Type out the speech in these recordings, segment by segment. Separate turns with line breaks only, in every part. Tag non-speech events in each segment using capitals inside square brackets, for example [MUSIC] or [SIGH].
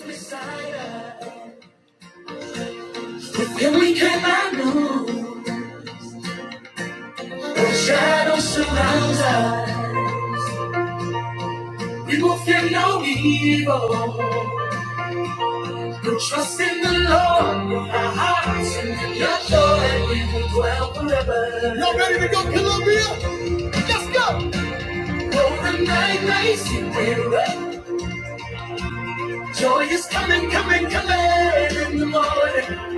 When we cannot out, The shadow surrounds us. We will fear no evil. We'll trust in the Lord with our hearts and in your joy. We will dwell forever. Y'all ready to go, Columbia? Let's go. Though the night may seem weary, joy is coming, coming, coming in the morning.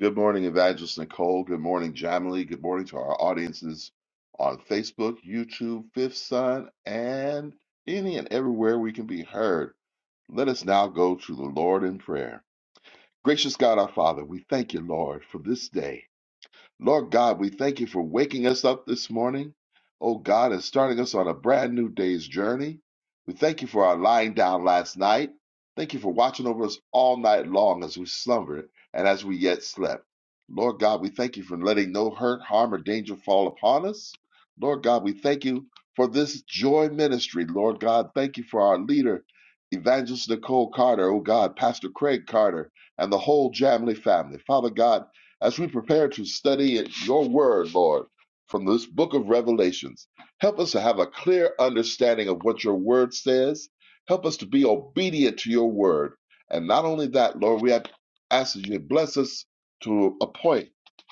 Good morning, Evangelist Nicole. Good morning, Jamily. Good morning to our audiences on Facebook, YouTube, Fifth Sun, and any and everywhere we can be heard. Let us now go to the Lord in prayer. Gracious God, our Father, we thank you, Lord, for this day. Lord God, we thank you for waking us up this morning, oh God, and starting us on a brand new day's journey. We thank you for our lying down last night. Thank you for watching over us all night long as we slumbered and as we yet slept. Lord God, we thank you for letting no hurt, harm, or danger fall upon us. Lord God, we thank you for this joy ministry. Lord God, thank you for our leader, Evangelist Nicole Carter, oh God, Pastor Craig Carter, and the whole Jamley family. Father God, as we prepare to study your word, Lord, from this book of Revelations, help us to have a clear understanding of what your word says. Help us to be obedient to your word. And not only that, Lord, we have asked that you bless us to a point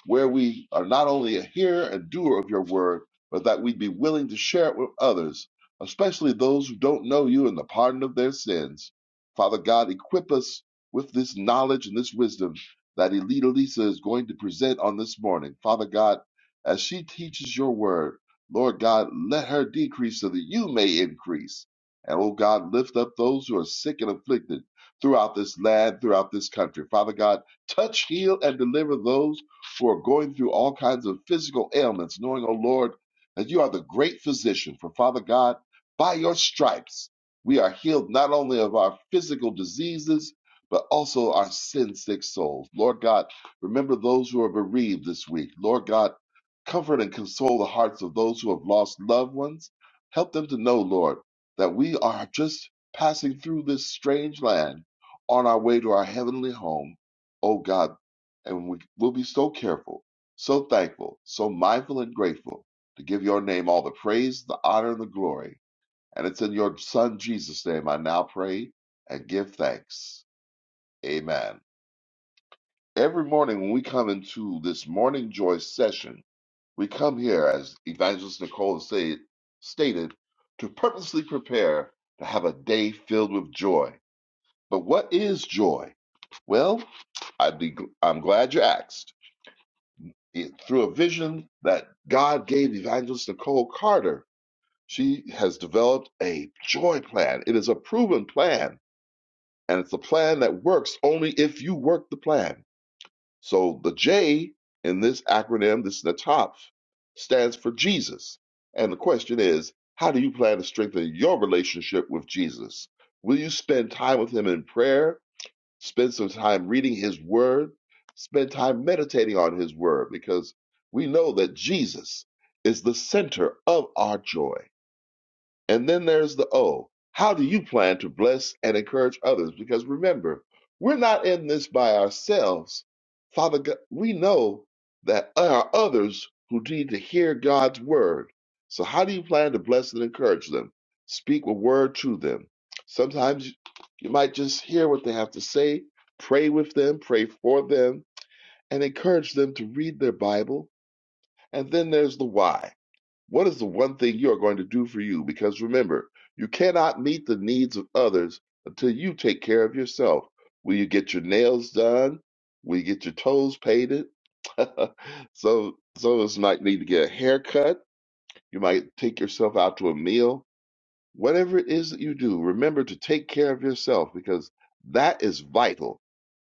where we are not only a hearer and doer of your word, but that we be willing to share it with others, especially those who don't know you and the pardon of their sins. Father God, equip us with this knowledge and this wisdom that Elita Lisa is going to present on this morning. Father God, as she teaches your word, Lord God, let her decrease so that you may increase. And oh God, lift up those who are sick and afflicted throughout this land, throughout this country. Father God, touch, heal, and deliver those who are going through all kinds of physical ailments, knowing, oh Lord, that you are the great physician. For Father God, by your stripes, we are healed not only of our physical diseases, but also our sin sick souls. Lord God, remember those who are bereaved this week. Lord God, comfort and console the hearts of those who have lost loved ones. Help them to know, Lord, that we are just passing through this strange land on our way to our heavenly home. Oh God, and we will be so careful, so thankful, so mindful and grateful to give your name all the praise, the honor, and the glory. And it's in your Son Jesus' name I now pray and give thanks. Amen. Every morning when we come into this morning joy session, we come here, as Evangelist Nicole said, stated, to purposely prepare to have a day filled with joy. But what is joy? Well, I'd be, gl- I'm glad you asked. It, through a vision that God gave Evangelist Nicole Carter, she has developed a joy plan. It is a proven plan, and it's a plan that works only if you work the plan. So the J in this acronym, this is the top, stands for Jesus. And the question is, how do you plan to strengthen your relationship with Jesus? Will you spend time with him in prayer? Spend some time reading his word? Spend time meditating on his word? Because we know that Jesus is the center of our joy. And then there's the O. How do you plan to bless and encourage others? Because remember, we're not in this by ourselves. Father God, we know that there are others who need to hear God's word. So how do you plan to bless and encourage them? Speak a word to them. Sometimes you might just hear what they have to say, pray with them, pray for them, and encourage them to read their Bible. And then there's the why. What is the one thing you are going to do for you? Because remember, you cannot meet the needs of others until you take care of yourself. Will you get your nails done? Will you get your toes painted? [LAUGHS] so, some of us might need to get a haircut. You might take yourself out to a meal. Whatever it is that you do, remember to take care of yourself because that is vital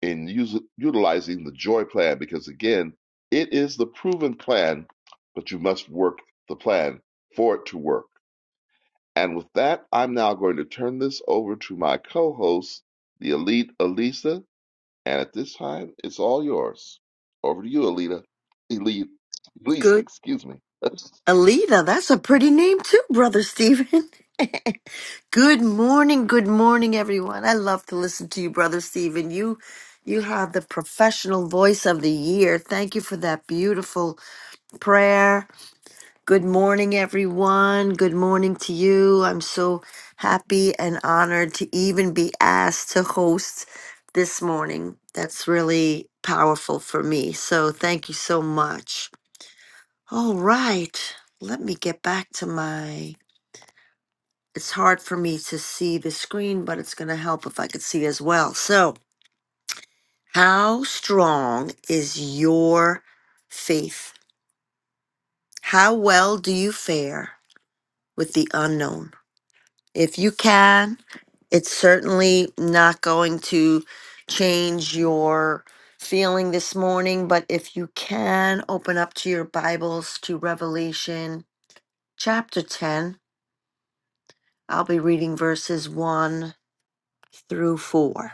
in us- utilizing the joy plan. Because again, it is the proven plan, but you must work the plan for it to work. And with that, I'm now going to turn this over to my co host, the elite Elisa. And at this time, it's all yours. Over to you, Alita. Elite, Elisa,
Good.
excuse me. [LAUGHS]
Alita, that's a pretty name too, Brother Stephen. [LAUGHS] good morning, good morning, everyone. I love to listen to you, Brother Stephen. You you have the professional voice of the year. Thank you for that beautiful prayer. Good morning, everyone. Good morning to you. I'm so happy and honored to even be asked to host this morning. That's really powerful for me. So thank you so much. All right. Let me get back to my. It's hard for me to see the screen, but it's going to help if I could see as well. So, how strong is your faith? How well do you fare with the unknown? If you can, it's certainly not going to change your feeling this morning, but if you can, open up to your Bibles to Revelation chapter 10 I'll be reading verses 1 through 4.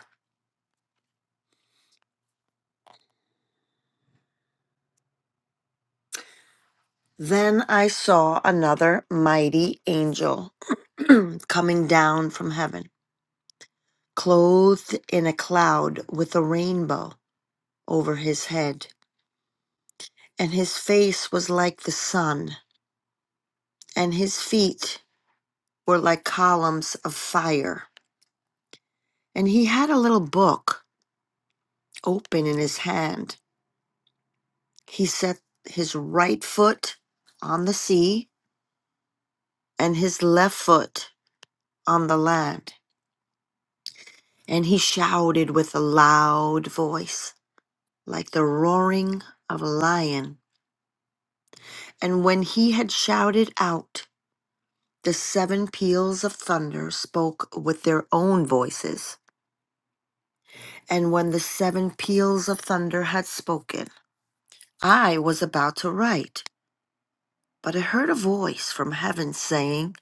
Then I saw another mighty angel [CLEARS THROAT] coming down from heaven, clothed in a cloud with a rainbow over his head. And his face was like the sun, and his feet were like columns of fire. And he had a little book open in his hand. He set his right foot on the sea and his left foot on the land And he shouted with a loud voice, like the roaring of a lion. And when he had shouted out, the seven peals of thunder spoke with their own voices. And when the seven peals of thunder had spoken, I was about to write, but I heard a voice from heaven saying,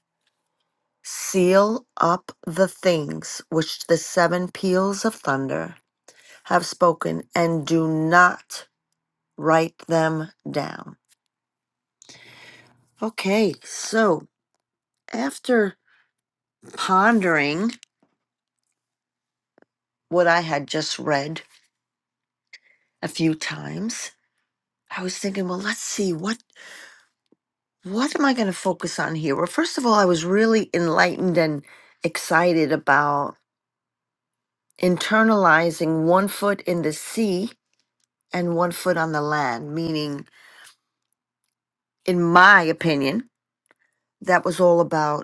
Seal up the things which the seven peals of thunder have spoken, and do not write them down. Okay, so after pondering what I had just read a few times, I was thinking, well, let's see what what am I going to focus on here? Well, first of all, I was really enlightened and excited about internalizing one foot in the sea and one foot on the land, meaning in my opinion, that was all about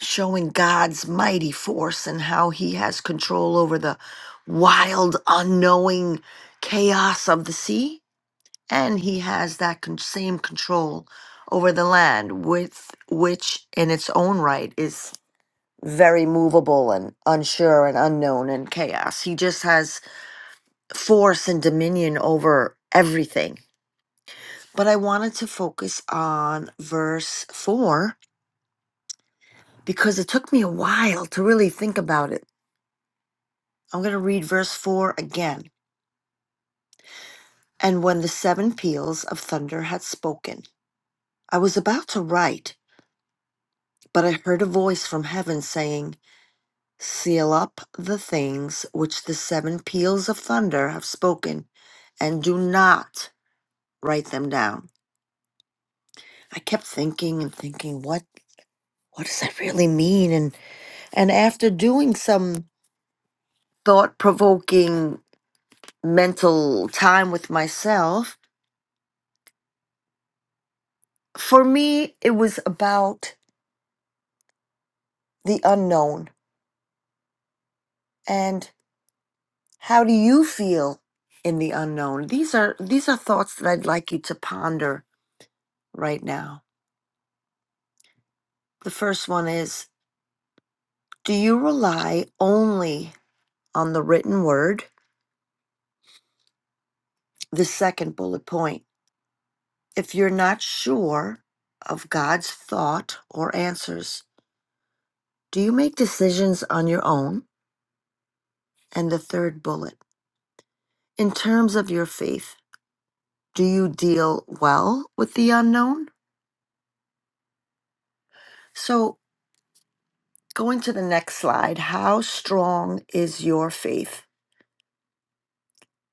showing God's mighty force and how he has control over the wild, unknowing chaos of the sea. And he has that con- same control over the land, with which in its own right is very movable and unsure and unknown and chaos. He just has force and dominion over everything. But I wanted to focus on verse four because it took me a while to really think about it I'm going to read verse 4 again. And when the seven peals of thunder had spoken, I was about to write, but I heard a voice from heaven saying, Seal up the things which the seven peals of thunder have spoken, and do not write them down. I kept thinking and thinking, what what does that really mean? And and after doing some thought provoking mental time with myself, for me it was about the unknown and how do you feel in the unknown these are these are thoughts that i'd like you to ponder right now the first one is do you rely only on the written word the second bullet point if you're not sure of god's thought or answers do you make decisions on your own and the third bullet in terms of your faith do you deal well with the unknown so Going to the next slide, how strong is your faith?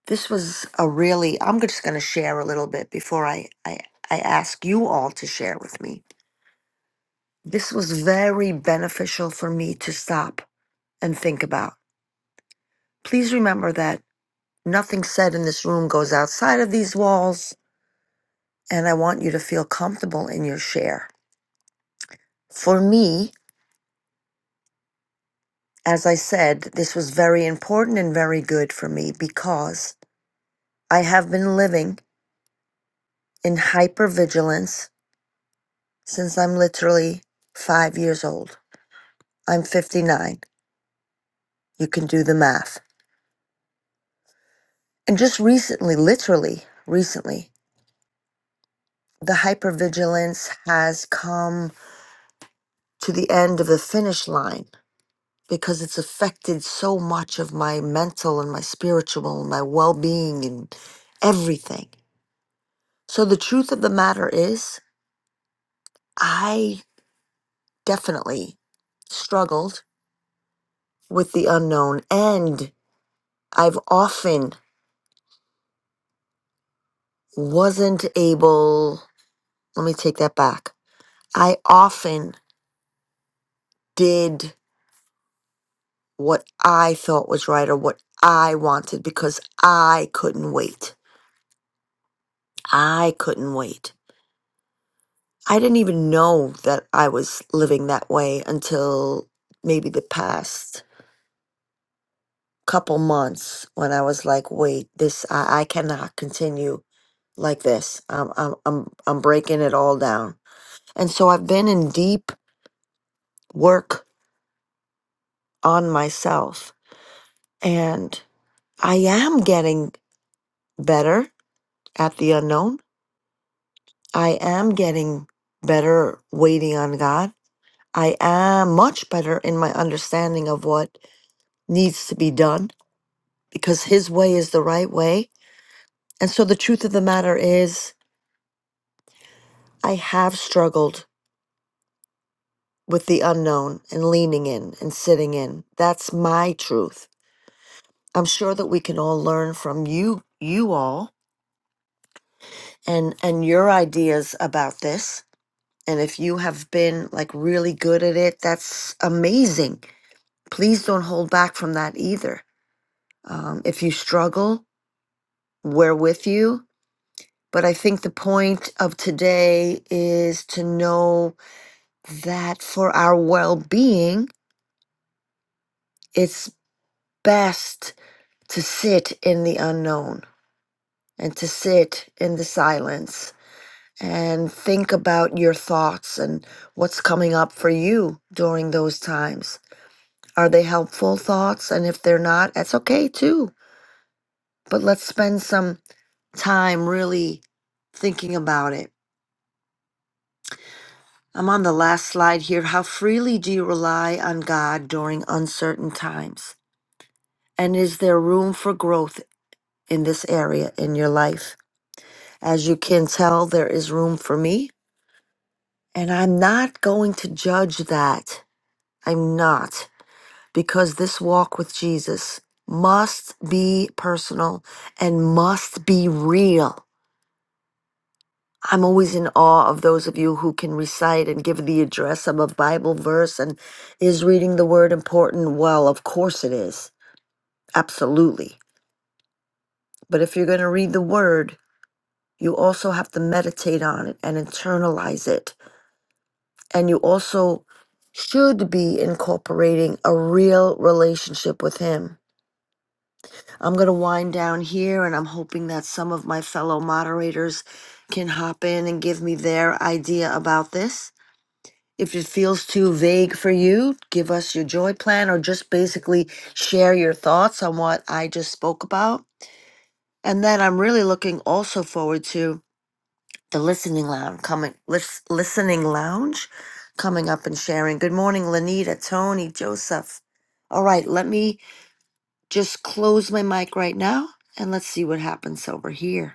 This was a really, I'm just going to share a little bit before I, I, I ask you all to share with me. This was very beneficial for me to stop and think about. Please remember that nothing said in this room goes outside of these walls, and I want you to feel comfortable in your share. For me, as I said, this was very important and very good for me because I have been living. in hypervigilance since I'm literally five years old. I'm 59. You can do the math. And just recently, literally recently, the hypervigilance has come to the end of the finish line because it's affected so much of my mental and my spiritual and my well being and everything. So the truth of the matter is, I definitely struggled with the unknown and I've often wasn't able, let me take that back. I often did what I thought was right or what I wanted because I couldn't wait. I couldn't wait. I didn't even know that I was living that way until maybe the past couple months when I was like, wait, this, I, I cannot continue like this. I'm, I'm, I'm, I'm breaking it all down. And so I've been in deep work on myself. and. I am getting better at the unknown. I am getting better waiting on God. I am much better in my understanding of what needs to be done because His way is the right way. And so the truth of the matter is, I have struggled with the unknown and leaning in and sitting in. That's my truth. I'm sure that we can all learn from you, you all, and and your ideas about this And if you have been like really good at it, that's amazing. Please don't hold back from that either. Um, if you struggle, we're with you. But I think the point of today is to know that for our well being, it's best to sit in the unknown and to sit in the silence and think about your thoughts and what's coming up for you during those times Are they helpful thoughts? And if they're not, that's okay too. But let's spend some time really thinking about it. I'm on the last slide here. How freely do you rely on God during uncertain times? And is there room for growth in this area in your life? As you can tell, there is room for me. And I'm not going to judge that. I'm not. Because this walk with Jesus must be personal and must be real. I'm always in awe of those of you who can recite and give the address of a Bible verse and is reading the word important? Well, of course it is. Absolutely. But if you're going to read the word, you also have to meditate on it and internalize it. And you also should be incorporating a real relationship with Him. I'm going to wind down here, and I'm hoping that some of my fellow moderators can hop in and give me their idea about this. If it feels too vague for you, give us your joy plan or just basically share your thoughts on what I just spoke about. And then I'm really looking also forward to the listening lounge coming lis- listening lounge coming up and sharing. Good morning, Lanita, Tony, Joseph. All right, let me just close my mic right now and let's see what happens over here.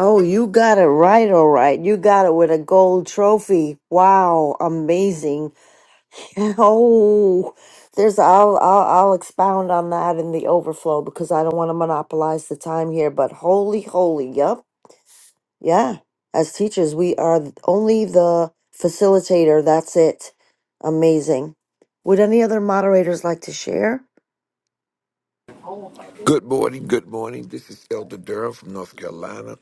Oh, you got it right, all right. You got it with a gold trophy. Wow, amazing. [LAUGHS] Oh, there's I'll, I'll I'll expound on that in the overflow because I don't want to monopolize the time here. But holy, holy, yep, yeah. As teachers, we are th- only the facilitator. That's it. Amazing. Would any other moderators like to share?
Good morning, good morning. This is Elder Durham from North Carolina.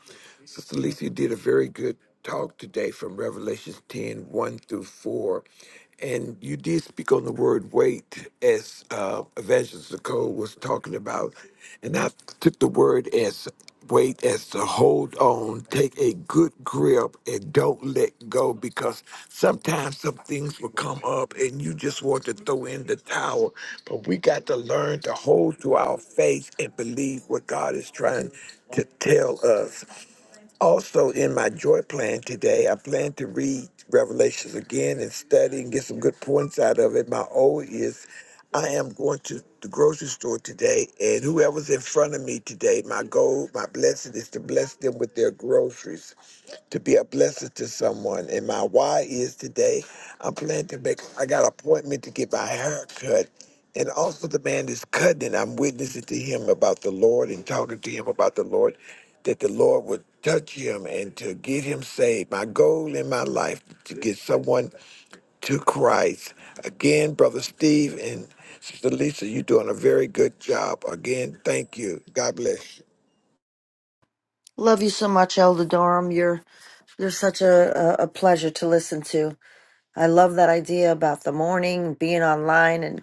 Sister Lisa, you did a very good talk today from Revelations ten one through 4. And you did speak on the word wait, as uh, Evangelist Nicole was talking about. And I took the word as wait as to hold on, take a good grip and don't let go because sometimes some things will come up and you just want to throw in the towel. But we got to learn to hold to our faith and believe what God is trying to tell us. Also, in my joy plan today, I plan to read Revelations again and study and get some good points out of it. My O is I am going to the grocery store today, and whoever's in front of me today, my goal, my blessing is to bless them with their groceries to be a blessing to someone. And my why is today I'm planning to make I got an appointment to get my hair cut. And also the man is cutting it. I'm witnessing to him about the Lord and talking to him about the Lord, that the Lord would touch him and to get him saved. My goal in my life to get someone to Christ. Again, Brother Steve and Sister Lisa, you're doing a very good job. Again, thank you. God bless you.
Love you so much, Elder Durham. You're you're such a, a, a pleasure to listen to. I love that idea about the morning being online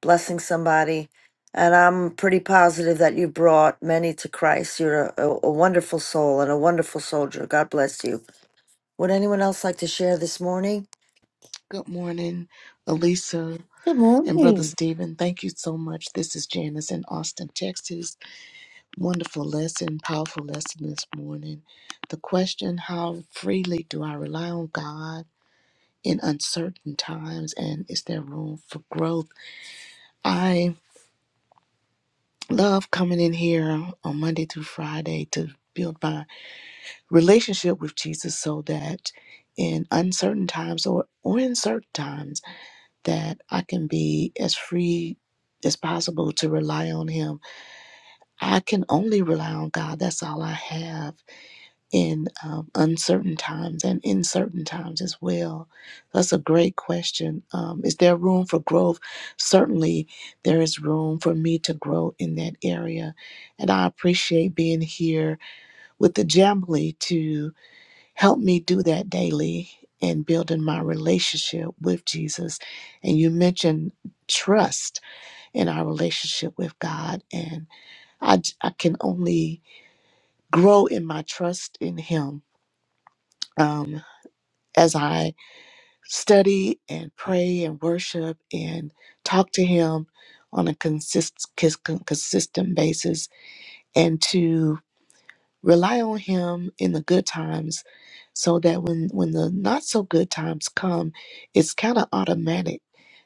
blessing somebody. And I'm pretty positive that you brought many to Christ. You're a, a, wonderful soul and a wonderful soldier. God bless you. Would anyone else like to share this morning?
Good morning, Elisa
Good
and Brother
morning.
Stephen. Thank you so much. This is Janice in Austin, Texas. Wonderful lesson, powerful lesson this morning. The question How freely do I rely on God in uncertain times? And is there room for growth? I love coming in here on Monday through Friday to build my relationship with Jesus so that in uncertain times or, or in certain times, that I can be as free as possible to rely on Him. I can only rely on God. That's all I have in um, uncertain times and in certain times as well. That's a great question. Um, is there room for growth? Certainly, there is room for me to grow in that area. And I appreciate being here with the Jamily to Help me do that daily in building my relationship with Jesus. And you mentioned trust in our relationship with God. And I, I can only grow in my trust in Him um, as I study and pray and worship and talk to Him on a consist, cons- consistent basis and to Rely on him in the good times so that when, when the not so good times come, it's kind of automatic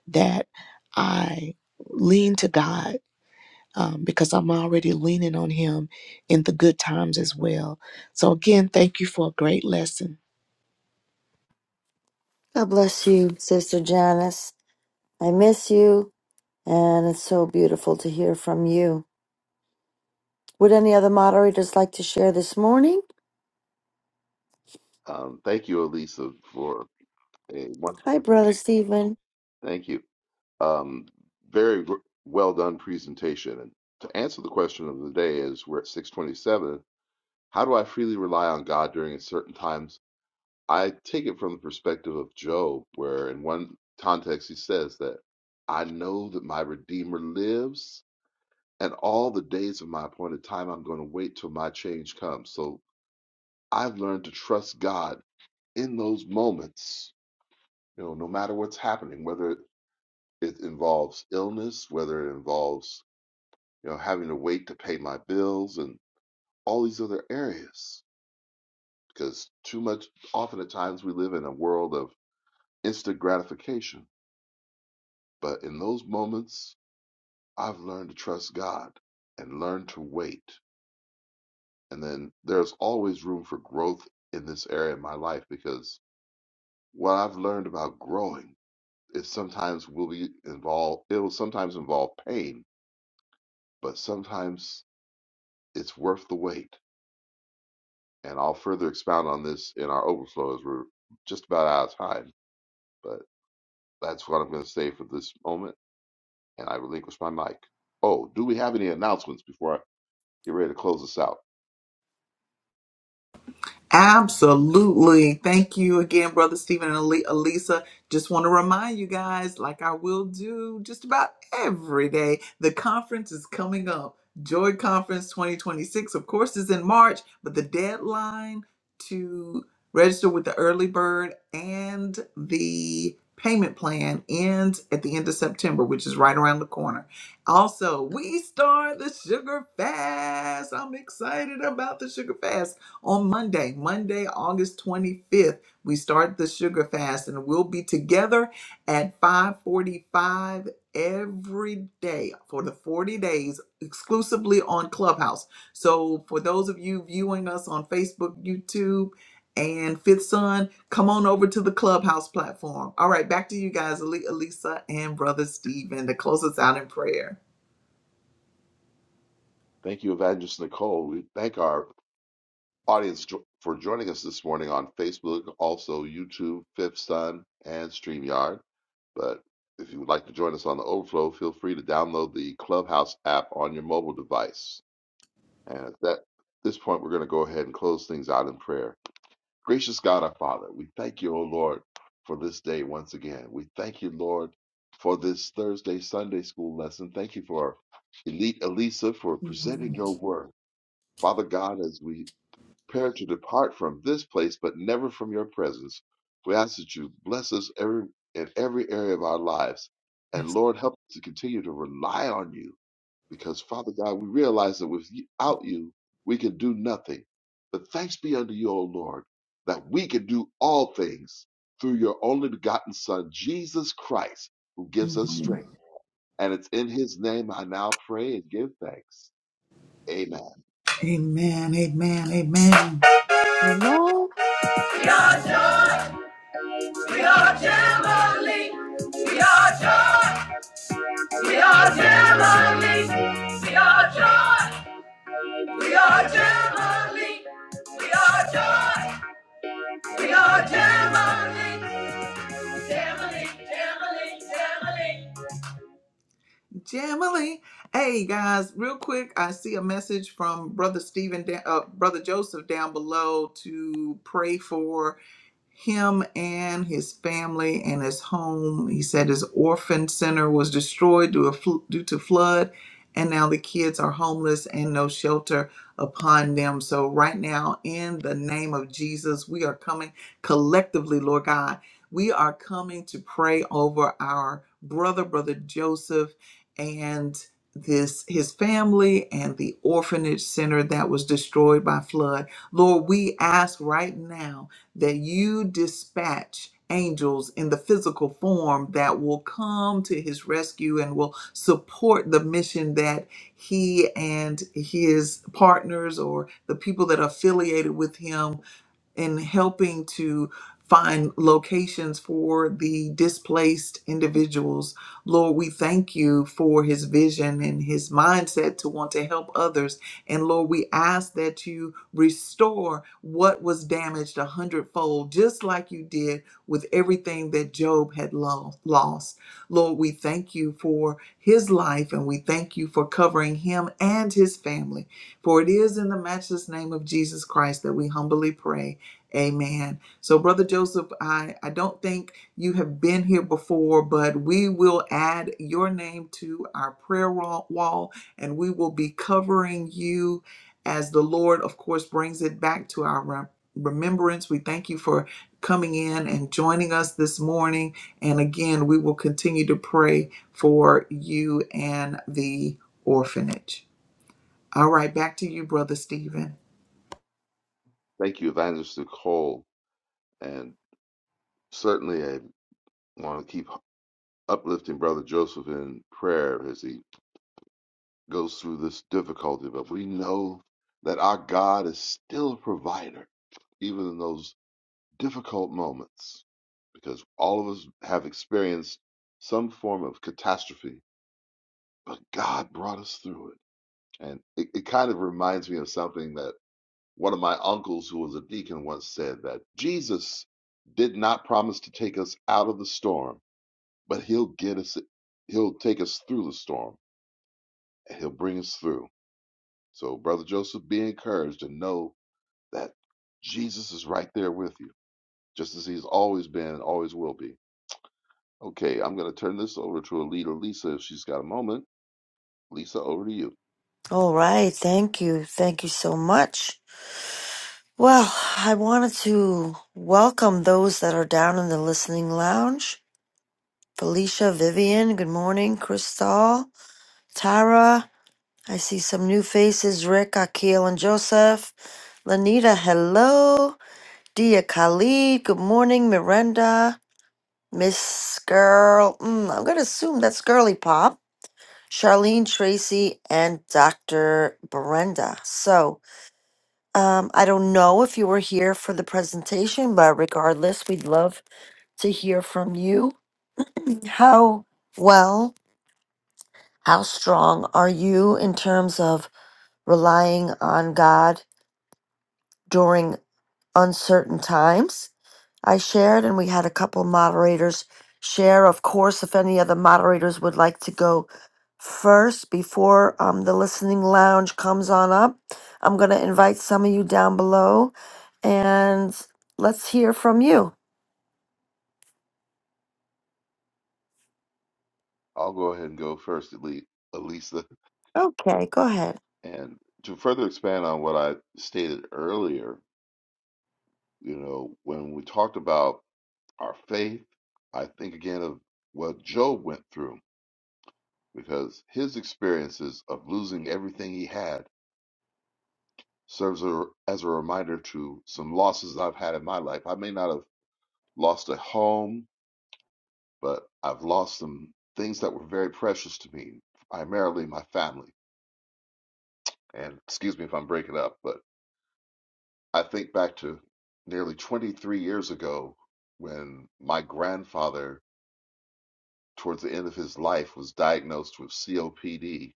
that I lean to God um, because I'm already leaning on him in the good times as well. So, again, thank you for a great lesson.
God bless you, Sister Janice. I miss you, and it's so beautiful to hear from you. Would any other moderators like to share this morning?
um, thank you, Elisa, for a wonderful.
Hi, Brother Stephen.
Thank you. Um, very gr- well done presentation. And to answer the question of the day is we're at 627. How do I freely rely on God during certain times? I take it from the perspective of Job, where in one context he says that I know that my Redeemer lives, and all the days of my appointed time I'm going to wait till my change comes. So I've learned to trust God in those moments, you know, no matter what's happening, whether it involves illness, whether it involves you know, having to wait to pay my bills and all these other areas. Because too much, often at times, we live in a world of instant gratification. But in those moments, I've learned to trust God and learn to wait. And then there's always room for growth in this area of my life because what I've learned about growing is sometimes will be involved, it'll sometimes involve pain, but sometimes it's worth the wait and I'll further expound on this in our overflow as we're just about out of time. But that's what I'm going to say for this moment, and I relinquish my mic. Oh, do we have any announcements before I get ready to close this out? Thank you, Evangelist Nicole. We thank our audience jo- for joining us this morning on Facebook, also YouTube, Fifth Sun, and StreamYard. But if you would like to join us on the overflow, feel free to download the Clubhouse app on your mobile device. And at that, this point, we're going to go ahead and close things out in prayer. Gracious God, our Father, we thank you, O Lord, for this day once again. We thank you, Lord, for this Thursday Sunday school lesson. Thank you for Elite Elisa for presenting your word. Father God, as we prepare to depart from this place, but never from your presence. We ask that you bless us every in every area of our lives. And Lord, help us to continue to rely on you because, Father God, we realize that without you, we can do nothing. But thanks be unto you, O Lord, that we can do all things through your only begotten Son, Jesus Christ, who gives us strength. And it's in his name I now pray and give thanks. Amen.
No.
Thank you, Evangelist Nicole. And Certainly, I want to keep uplifting Brother Joseph in prayer as he goes through this difficulty. But we know that our God is still a provider, even in those difficult moments, because all of us have experienced some form of catastrophe, but God brought us through it. And it, it kind of reminds me of something that one of my uncles, who was a deacon, once said that Jesus did not promise to take us out of the storm but he'll get us he'll take us through the storm and he'll bring us through so brother joseph be encouraged and know that jesus is right there with you just as he's always been and always will be okay i'm going to turn this over to alita lisa if she's got a moment lisa over to you
All right. Thank you. Thank you so much. Well, I wanted to welcome those that are down in the listening lounge. Felicia, Vivian, good morning. Crystal, Tara, I see some new faces. Rick, Akil, and Joseph. Lanita, hello. Dia Khalid, good morning. Miranda, Miss Girl, mm, I'm going to assume that's Girly Pop. Charlene, Tracy, and Dr. Brenda. So, Um, I don't know if you were here for the presentation, but regardless, we'd love to hear from you. How well, how strong are you in terms of relying on God during uncertain times? I shared, and we had a couple moderators share. Of course, if any other moderators would like to go first before um, the listening lounge comes on up, I'm going to invite some of you down below and let's hear from you.
i'll go ahead and go first alisa
Okay, go ahead.
and to further expand on what i stated earlier you know when we talked about our faith i think again of what job went through because his experiences of losing everything he had serves a, as a reminder to some losses I've had in my life. I may not have lost a home, but I've lost some things that were very precious to me, primarily my family. And excuse me if I'm breaking up, but I think back to nearly 23 years ago when my grandfather, towards the end of his life, was diagnosed with COPD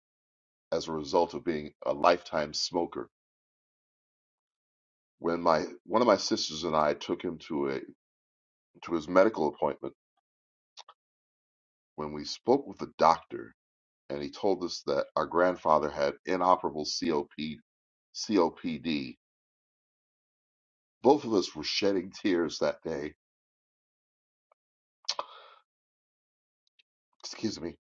as a result of being a lifetime smoker when my one of my sisters and I took him to a to his medical appointment when we spoke with the doctor and he told us that our grandfather had inoperable COP COPD. Both of us were shedding tears that day. Excuse me.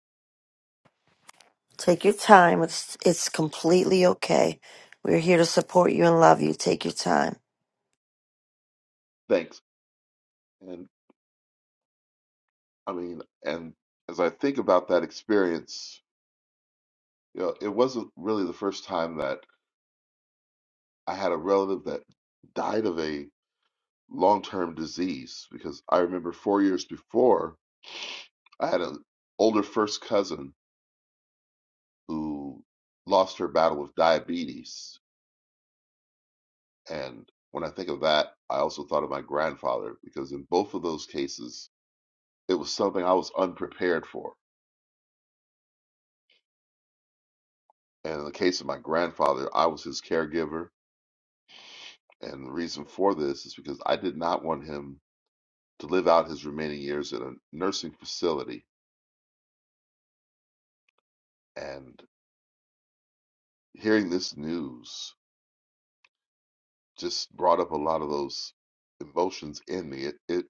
Take your time. It's, it's completely okay. We're here to support you and love you. Take your time.
Thanks. And I mean, and as I think about that experience, you know, it wasn't really the first time that I had a relative that died of a long-term disease because I remember 4 years before I had an older first cousin who lost her battle with diabetes. And when I think of that, I also thought of my grandfather because in both of those cases, it was something I was unprepared for. And in the case of my grandfather, I was his caregiver. And the reason for this is because I did not want him to live out his remaining years in a nursing facility. And hearing this news just brought up a lot of those emotions in me. It, it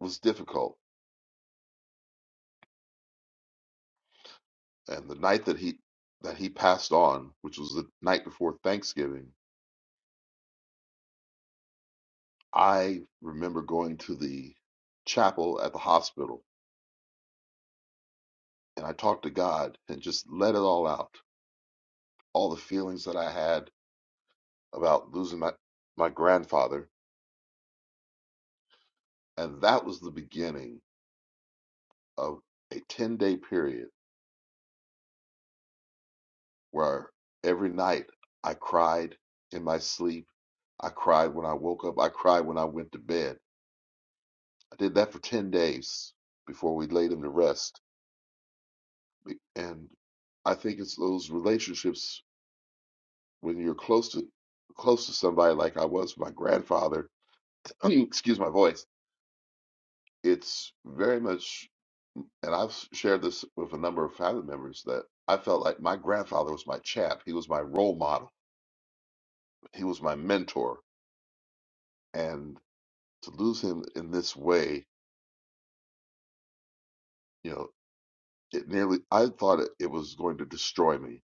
was difficult And the night that he that he passed on, which was the night before Thanksgiving, I remember going to the chapel at the hospital and I talked to God and just let it all out, all the feelings that I had about losing my my grandfather, and that was the beginning of a 10-day period where every night I cried in my sleep. I cried when I woke up. I cried when I went to bed. I did that for 10 days before we laid him to rest And I think it's those relationships when you're close to close to somebody like I was with my grandfather. [CLEARS THROAT] Excuse my voice. It's very much, and I've shared this with a number of family members that I felt like my grandfather was my chap. He was my role model. He was my mentor, and to lose him in this way, you know, it nearly I thought it, it was going to destroy me.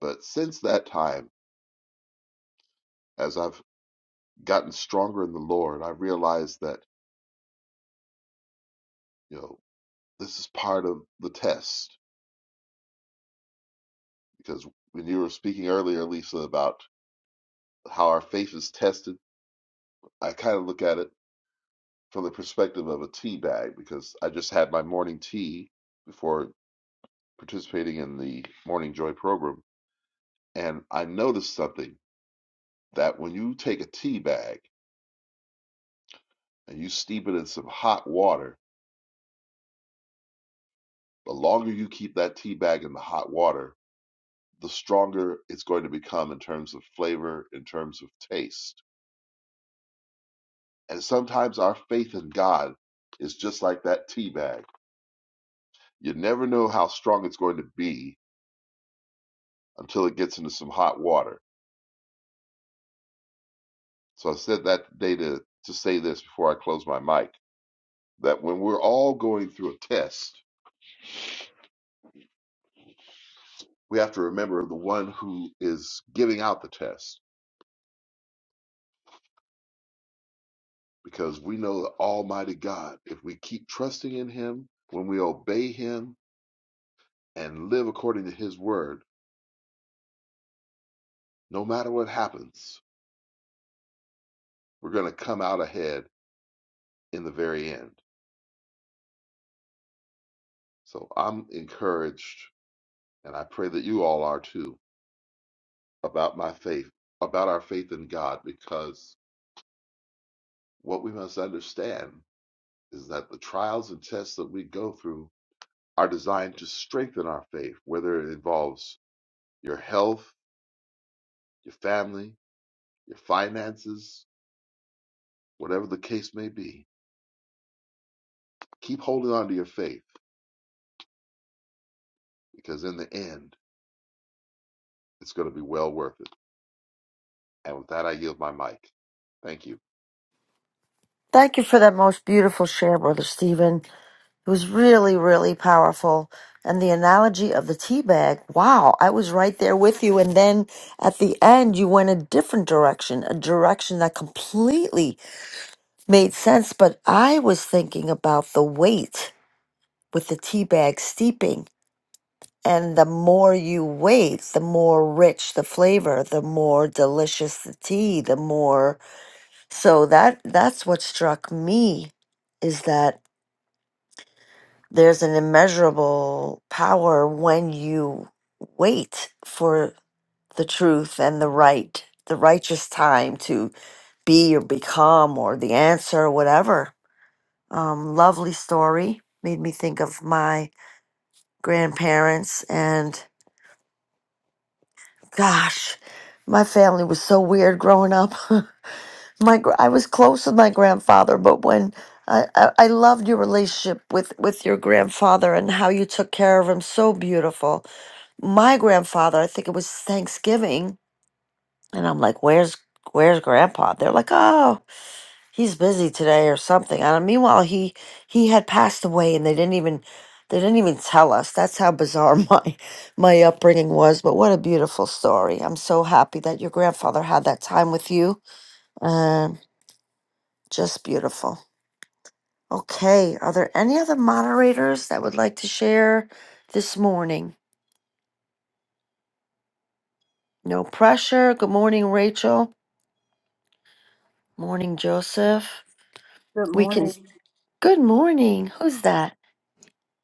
But since that time, as I've gotten stronger in the Lord, I realized that. you know. this is part of the test because when you were speaking earlier, Lisa, about how our faith is tested, I kind of look at it from the perspective of a tea bag because I just had my morning tea before participating in the Morning Joy program, and I noticed something that when you take a tea bag and you steep it in some hot water, the longer you keep that tea bag in the hot water, the stronger it's going to become in terms of flavor, in terms of taste And sometimes our faith in God is just like that tea bag. You never know how strong it's going to be until it gets into some hot water. So I said that today to, to say this before I close my mic that when we're all going through a test, we have to remember the one who is giving out the test because we know the Almighty God, if we keep trusting in Him, when we obey Him and live according to His word, no matter what happens, we're going to come out ahead in the very end. So I'm encouraged, and I pray that you all are too, about my faith, about our faith in God, because what we must understand is that the trials and tests that we go through are designed to strengthen our faith, whether it involves your health, your family, your finances, whatever the case may be. Keep holding on to your faith, because in the end, it's going to be well worth it. And with that, I yield my mic. Thank you.
Thank you for that most beautiful share, Brother Stephen. It was really, really powerful. And the analogy of the tea bag, wow, I was right there with you. And then at the end, you went a different direction, a direction that completely made sense. But I was thinking about the weight with the tea bag steeping. And the more you wait, the more rich the flavor, the more delicious the tea, the more. So that that's what struck me is that there's an immeasurable power when you wait for the truth and the right, the righteous time to be or become or the answer or whatever. Um, lovely story. Made me think of my grandparents and gosh, my family was so weird growing up. [LAUGHS] my gr- I was close with my grandfather, but when I, I, I loved your relationship with, with your grandfather and how you took care of him so beautiful my grandfather, I think it was Thanksgiving, and I'm like, "Where's where's grandpa?" They're like, "Oh, he's busy today or something." And meanwhile, he he had passed away and they didn't even they didn't even tell us. That's how bizarre [LAUGHS] my my upbringing was, but what a beautiful story. I'm so happy that your grandfather had that time with you. Um just beautiful. Okay, are there any other moderators that would like to share this morning? No pressure. Good morning, Rachel. Morning, Joseph.
Good
We can.
morning,
Good morning. Who's that?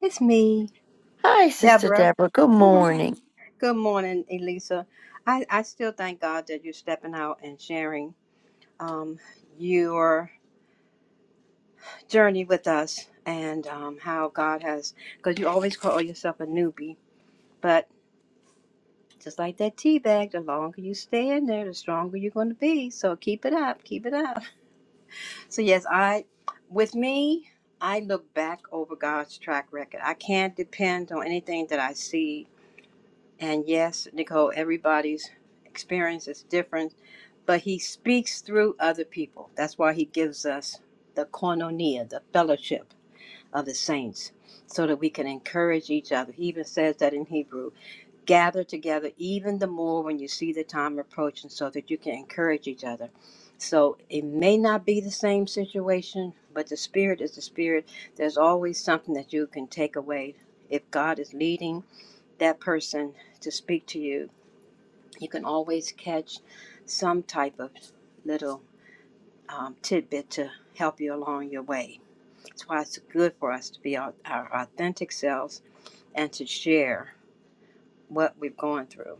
It's me.
Hi, Sister
Deborah.
Deborah. Good morning.
Good morning, Elisa. I, I still thank God that you're stepping out and sharing um, your journey with us and um, how God has, because you always call yourself a newbie, but just like that tea bag, the longer you stay in there, the stronger you're going to be. So keep it up, keep it up. So yes, I, with me, I look back over God's track record. I can't depend on anything that I see And yes, Nicole, everybody's experience is different, but he speaks through other people. That's why he gives us the koinonia, the fellowship of the saints, so that we can encourage each other. He even says that in Hebrew gather together even the more when you see the time approaching, so that you can encourage each other. So it may not be the same situation, but the Spirit is the Spirit. There's always something that you can take away. If God is leading, that person to speak to you, you can always catch some type of little um, tidbit to help you along your way. That's why it's good for us to be our, our authentic selves and to share what we've gone through.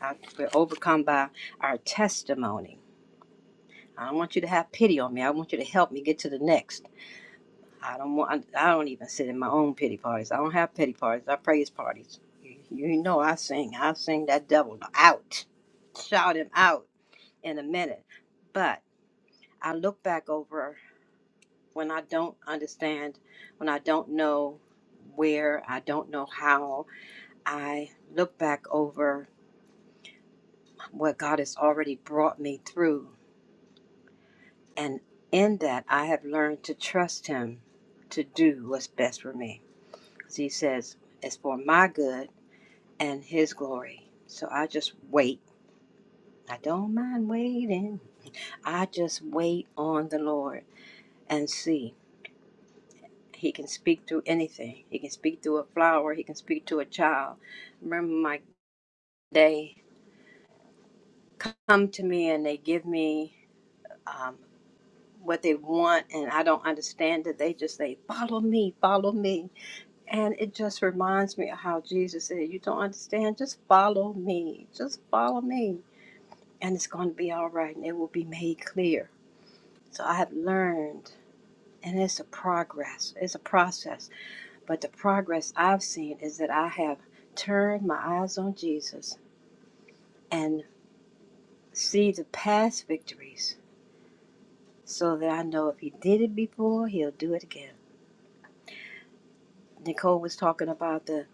I, we're overcome by our testimony. I don't want you to have pity on me. I want you to help me get to the next. I don't want. I don't even sit in my own pity parties. I don't have pity parties. I praise parties. You, you know I sing. I sing that devil out. Shout him out in a minute. But I look back over when I don't understand, when I don't know where, I don't know how, I look back over what God has already brought me through. And in that, I have learned to trust Him to do what's best for me. Because He says, it's for my good and His glory. So I just wait. I don't mind waiting. I just wait on the Lord and see. He can speak through anything. He can speak through a flower. He can speak to a child. Remember, my they come to me and they give me um, what they want, and I don't understand it. They just say, "Follow me, follow me," and it just reminds me of how Jesus said, "You don't understand. Just follow me. Just follow me, and it's going to be all right, and it will be made clear." So I have learned, and it's a progress. It's a process But the progress I've seen is that I have turned my eyes on Jesus and see the past victories so that I know if he did it before, he'll do it again. Nicole was talking about the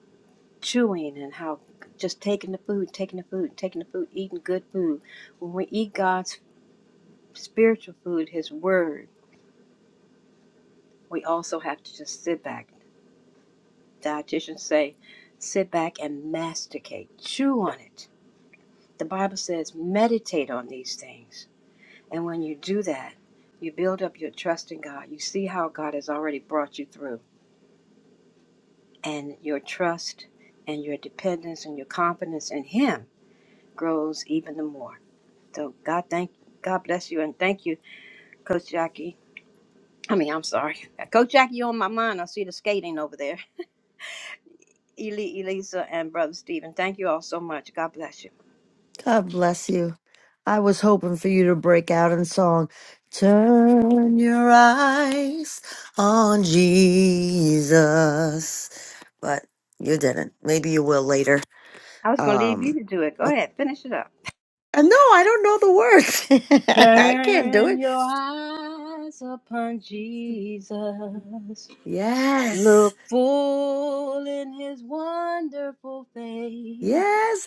chewing and how just taking the food, taking the food, taking the food, eating good food. When we eat God's spiritual food, his word, we also have to just sit back. Dietitians say, sit back and masticate, chew on it. The Bible says, meditate on these things And when you do that, you build up your trust in God. You see how God has already brought you through. And your trust and your dependence and your confidence in Him grows even the more. So God thank God bless you and thank you, Coach Jackie. I mean, I'm sorry. [LAUGHS] Coach Jackie, you're on my mind. I see the skating over there. [LAUGHS] Eli, Elisa, and Brother Stephen, thank you all so much. God bless you.
God bless you. I was hoping for you to break out in song. Turn your eyes on Jesus. But you didn't. Maybe you will later.
I was going to leave you
Um
to do it. Go ahead, finish it up.
uh, no, I don't know the words. [LAUGHS] I can't do
Turn
it.
your eyes upon Jesus
Yes.
Look full in his wonderful face,
Yes,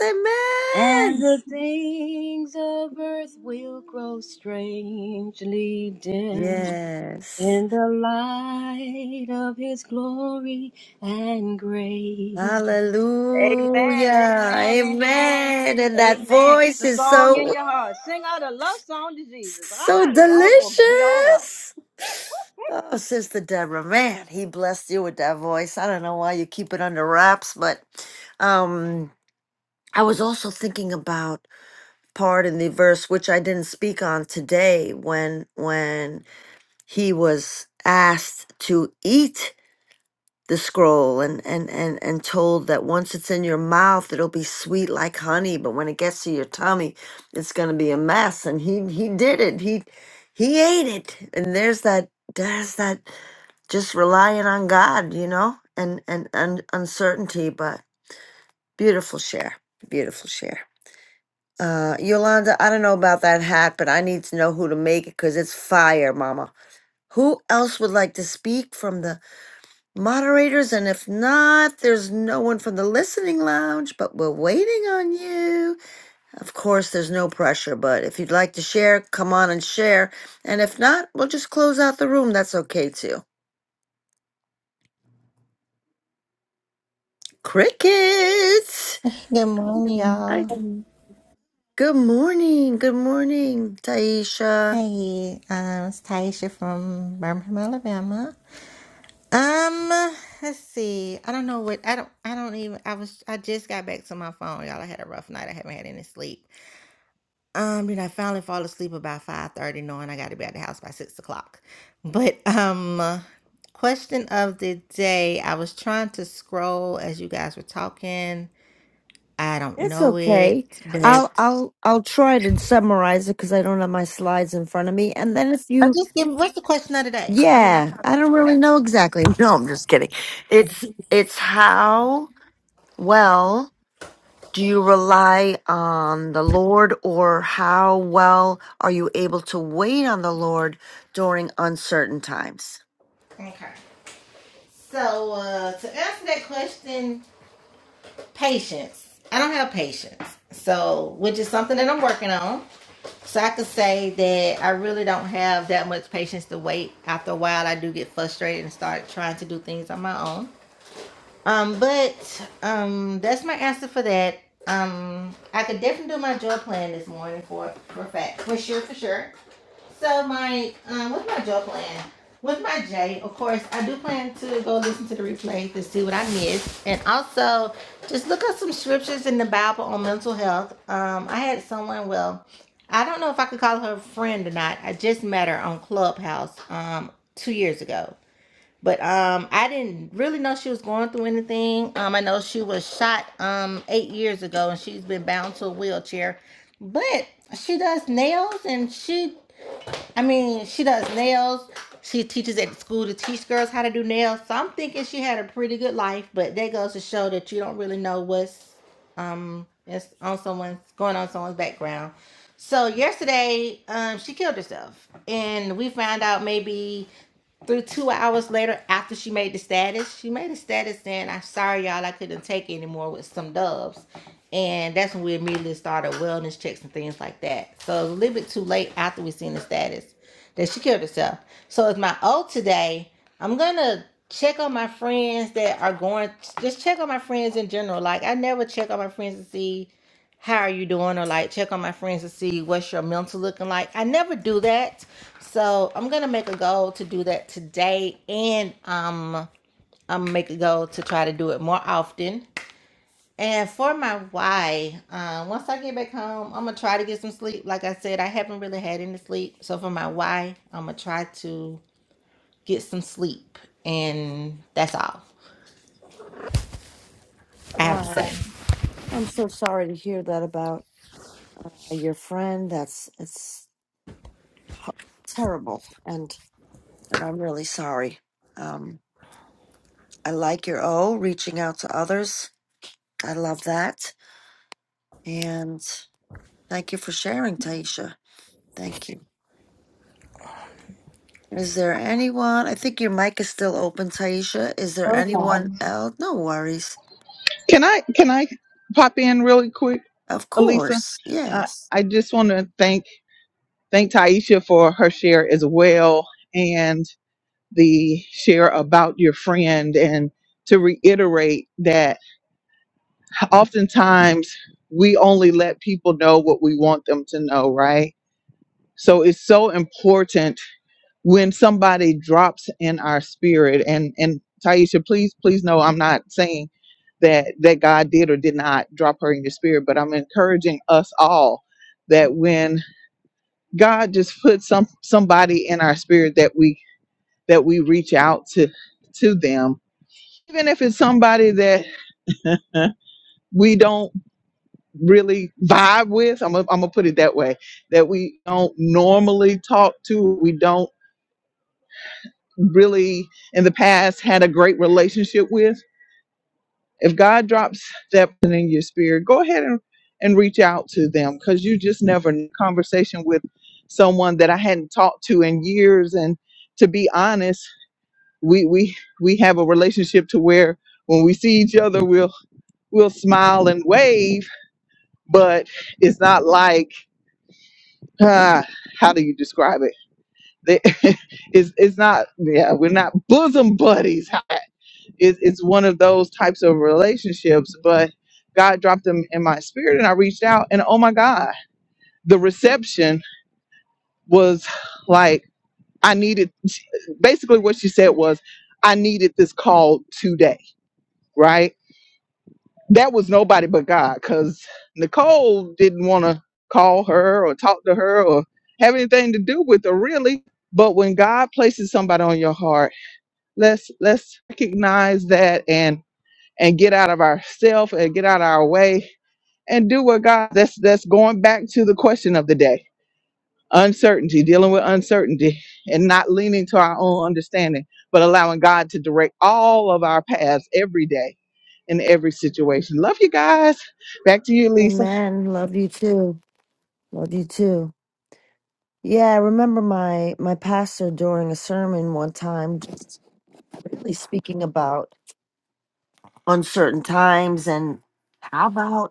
and
amen.
the things of earth will grow strangely dim
Yes.
in the light of his glory and grace. Amen,
Hallelujah.
amen, amen,
Amen. And that
amen. Keep
voice
the
is
song in
so,
your heart. Sing out a love song to Jesus.
so
Ah, it's all gonna be all right.
delicious. Oh, Sister Deborah, man, he blessed you with that voice. I don't know why you keep it under wraps, but um, I was also thinking about part in the verse which I didn't speak on today when when he was asked to eat the scroll and and and and told that once it's in your mouth it'll be sweet like honey but when it gets to your tummy it's going to be a mess and he he did it he he ate it and there's that there's that just relying on god you know and and, and uncertainty but beautiful share beautiful share uh yolanda i don't know about that hat but i need to know who to make it because it's fire mama who else would like to speak from the moderators. And if not, there's no one from the listening lounge, but we're waiting on you. Of course, there's no pressure, but if you'd like to share, come on and share. And if not, we'll just close out the room. That's okay too. Crickets!
Good morning, y'all.
Good morning. Good morning, Taisha.
Hey, um, it's Taisha from Birmingham, Alabama. Um, let's see. I don't know what I don't. I don't even. I was. I just got back to my phone, y'all. I had a rough night. I haven't had any sleep. Um, then I finally fall asleep about five thirty, knowing I got to be at the house by six o'clock. But um, question of the day. I was trying to scroll as you guys were talking. I don't
It's
know
okay.
it, but.
I'll I'll I'll try to summarize it because I don't have my slides in front of me. And then if
I
you,
just give what's the question of the day? I mean, I
yeah,
probably
I don't
figured it out.
really know exactly. [LAUGHS] No, I'm just kidding. It's it's how well do you rely on the Lord or how well are you able to wait on the Lord during uncertain times?
Okay. So uh, to answer that question, patience. I don't have patience. So which is something that I'm working on. So I could say that I really don't have that much patience to wait. After a while, I do get frustrated and start trying to do things on my own. Um, but um, that's my answer for that. Um, I could definitely do my joy plan this morning for for fact, for sure, for sure. So my um, what's my Joe plan? With my J, of course, I do plan to go listen to the replay to see what I missed, and also just look up some scriptures in the Bible on mental health. Um, I had someone, well, I don't know if I could call her a friend or not. I just met her on Clubhouse um two years ago, but um, I didn't really know she was going through anything. Um, I know she was shot um eight years ago, and she's been bound to a wheelchair, but she does nails and she I mean, she does nails. She teaches at school to teach girls how to do nails. So I'm thinking she had a pretty good life, but that goes to show that you don't really know what's um it's on someone's going on someone's background. So yesterday, um, she killed herself, and we found out maybe through two hours later, after she made the status, she made a status saying, I'm sorry, y'all, I couldn't take anymore with some doves. And that's when we immediately started wellness checks and things like that. So it was a little bit too late after we seen the status that she killed herself. So it's my O today. I'm gonna check on my friends that are going just check on my friends in general. Like I never check on my friends to see how are you doing or like check on my friends to see what's your mental looking like i never do that so i'm gonna make a goal to do that today and um i'm gonna make a goal to try to do it more often and for my why uh, once i get back home i'm gonna try to get some sleep like i said i haven't really had any sleep so for my why i'm gonna try to get some sleep and that's all i have to
Wow,
say
I'm so sorry to hear that about uh, your friend. That's it's ho- terrible, and and I'm really sorry. Um, I like your O reaching out to others. I love that, and thank you for sharing, Taisha. Thank you. Is there anyone? I think your mic is still open, Taisha. Is there anyone else? No worries. Of course. Yes.
important when somebody drops in our spirit and and Taisha please please know I'm not saying that that God did or did not drop her in your spirit but I'm encouraging us all that when God just puts some somebody in our spirit that we that we reach out to to them even if it's somebody that [LAUGHS] we don't really vibe with I'm gonna I'm gonna put it that way that we don't normally talk to we don't really in the past had a great relationship with, if God drops that person in your spirit, go ahead and, and reach out to them because you just never kn- conversation with someone that I hadn't talked to in years. And to be honest, we we we have a relationship to where when we see each other, we'll we'll smile and wave, but it's not like ah, how do you describe it? They- [LAUGHS] it's it's not yeah, we're not bosom buddies. It, it's one of those types of relationships, but God dropped them in my spirit and I reached out and oh my God, the reception was like, I needed, basically what she said was, I needed this call today, right? That was nobody but God because Nicole didn't want to call her or talk to her or have anything to do with her really. But when God places somebody on your heart, let's let's recognize that and. and get out of ourself and get out of our way and do what God that's that's going back to the question of the day. Uncertainty, dealing with uncertainty and not leaning to our own understanding, but allowing God to direct all of our paths every day in every situation. Love you guys. Back to you, Lisa.
Amen. Love you too. Love you too. Yeah, I remember my my pastor during a sermon one time just really speaking about uncertain times and how about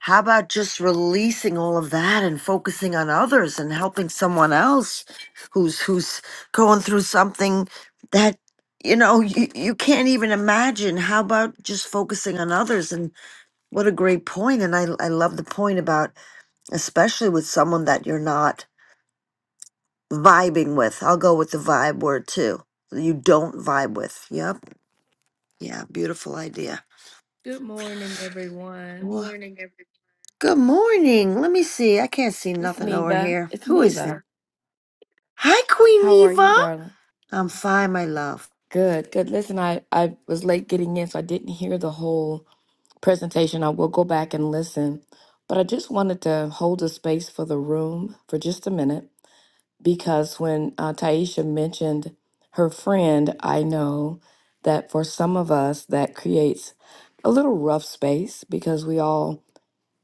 How about just releasing all of that and focusing on others and helping someone else who's who's going through something that you know you, you can't even imagine. How about just focusing on others and what a great point point! and I I love the point about especially with someone that you're not vibing with. I'll go with the vibe word too. You don't vibe with. Yep. Yeah, beautiful idea.
Good morning,
Good
everyone.
Wha- morning, everyone. Good morning. Let me see. I can't see
It's
nothing over
Neva.
here.
It's
Who is that?
Neva.
Hi, Queen
How are you,
Eva.
darling?
I'm fine, my love.
Good, good. Listen, I, I was late getting in, so I didn't hear the whole presentation. I will go back and listen. But I just wanted to hold a space for the room for just a minute because when uh, Taisha mentioned her friend, I know that for some of us that creates a little rough space because we all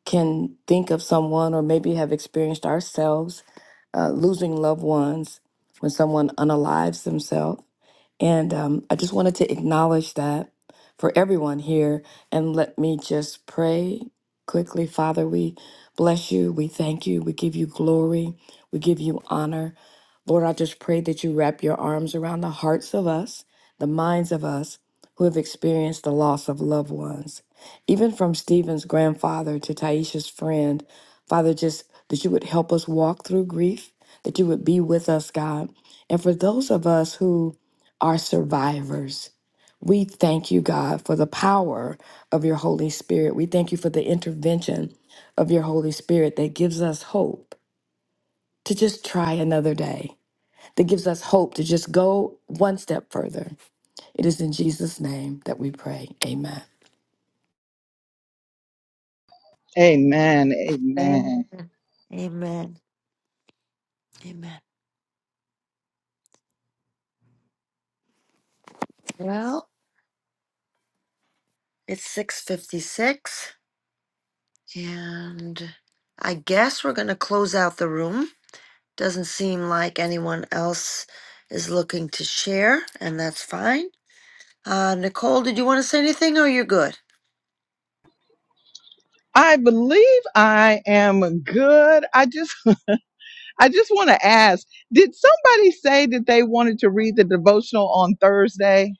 can think of someone or maybe have experienced ourselves uh, losing loved ones when someone unalives themselves. And um, I just wanted to acknowledge that for everyone here. And let me just pray quickly. Father, we bless you. We thank you. We give you glory. We give you honor. Lord, I just pray that you wrap your arms around the hearts of us, the minds of us who have experienced the loss of loved ones even from Stephen's grandfather to Taisha's friend, Father, just that you would help us walk through grief, that you would be with us, God. And for those of us who are survivors, we thank you, God, for the power of your Holy Spirit. We thank you for the intervention of your Holy Spirit that gives us hope to just try another day, that gives us hope to just go one step further. It is in Jesus' name that we pray. Amen.
Amen.
Amen.
Amen.
Amen. Amen. Well, It's six fifty-six, and I guess we're gonna close out the room. Doesn't seem like anyone else is looking to share, and that's fine. Uh, Nicole, did you want to say anything, or you're good?
I believe I am good. I just [LAUGHS] I just want to ask, did somebody say that they wanted to read the devotional on Thursday?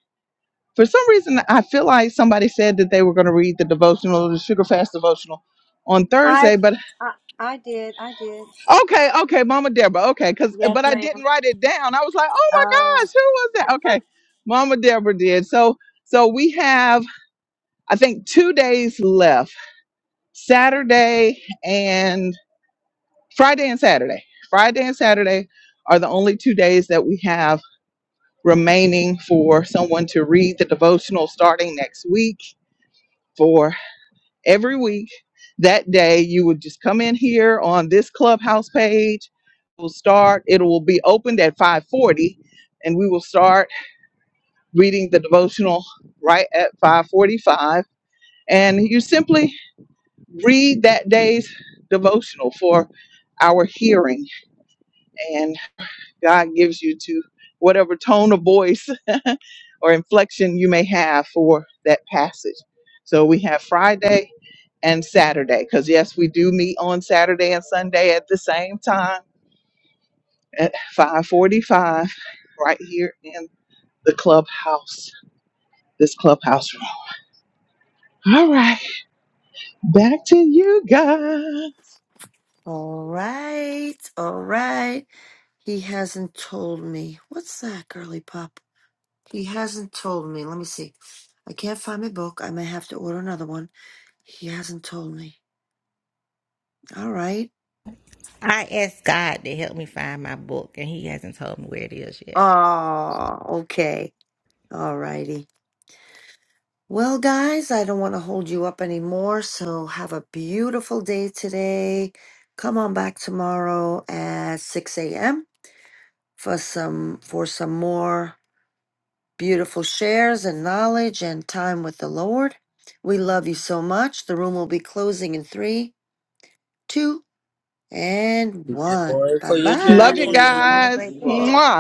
For some reason I feel like somebody said that they were going to read the devotional, the sugar fast devotional on
I,
Thursday, but
I, I did, I did.
okay, okay, Mama Deborah, okay, cuz
Yes,
but I didn't write it down. I was like, "Oh my
ma'am.
gosh, who was that?" Okay. Mama Deborah did. So so we have I think 2 days left. Saturday and. Friday and Saturday. Friday and Saturday are the only two days that we have remaining for someone to read the devotional starting next week. For every week, that day, you would just come in here on this clubhouse page. We'll start. It will be opened at 5:40, and we will start reading the devotional right at 5:45. And you simply read that day's devotional for our hearing. and. God gives you to whatever tone of voice [LAUGHS] or inflection you may have for that passage. So we have Friday and Saturday because yes, we do meet on Saturday and Sunday at the same time at 5:45 right here in the clubhouse. This clubhouse room. All right, back to you guys.
All right, all right. He hasn't told me. What's that, girly pop? He hasn't told me. Let me see. I can't find my book. I may have to order another one. He hasn't told me. All right.
i asked god to help me find my book and he hasn't told me where it is yet
Oh, okay. All righty. Well, guys, I don't want to hold you up anymore. So have a beautiful day today. Come on back tomorrow at 6 a.m. for some for some more beautiful shares and knowledge and time with the Lord. We love you so much. The room will be closing in three, two. and one.
Joy
Bye
for your
bye.
Love you
journey.
Have a
guys.
great day.
Wow.
Mwah.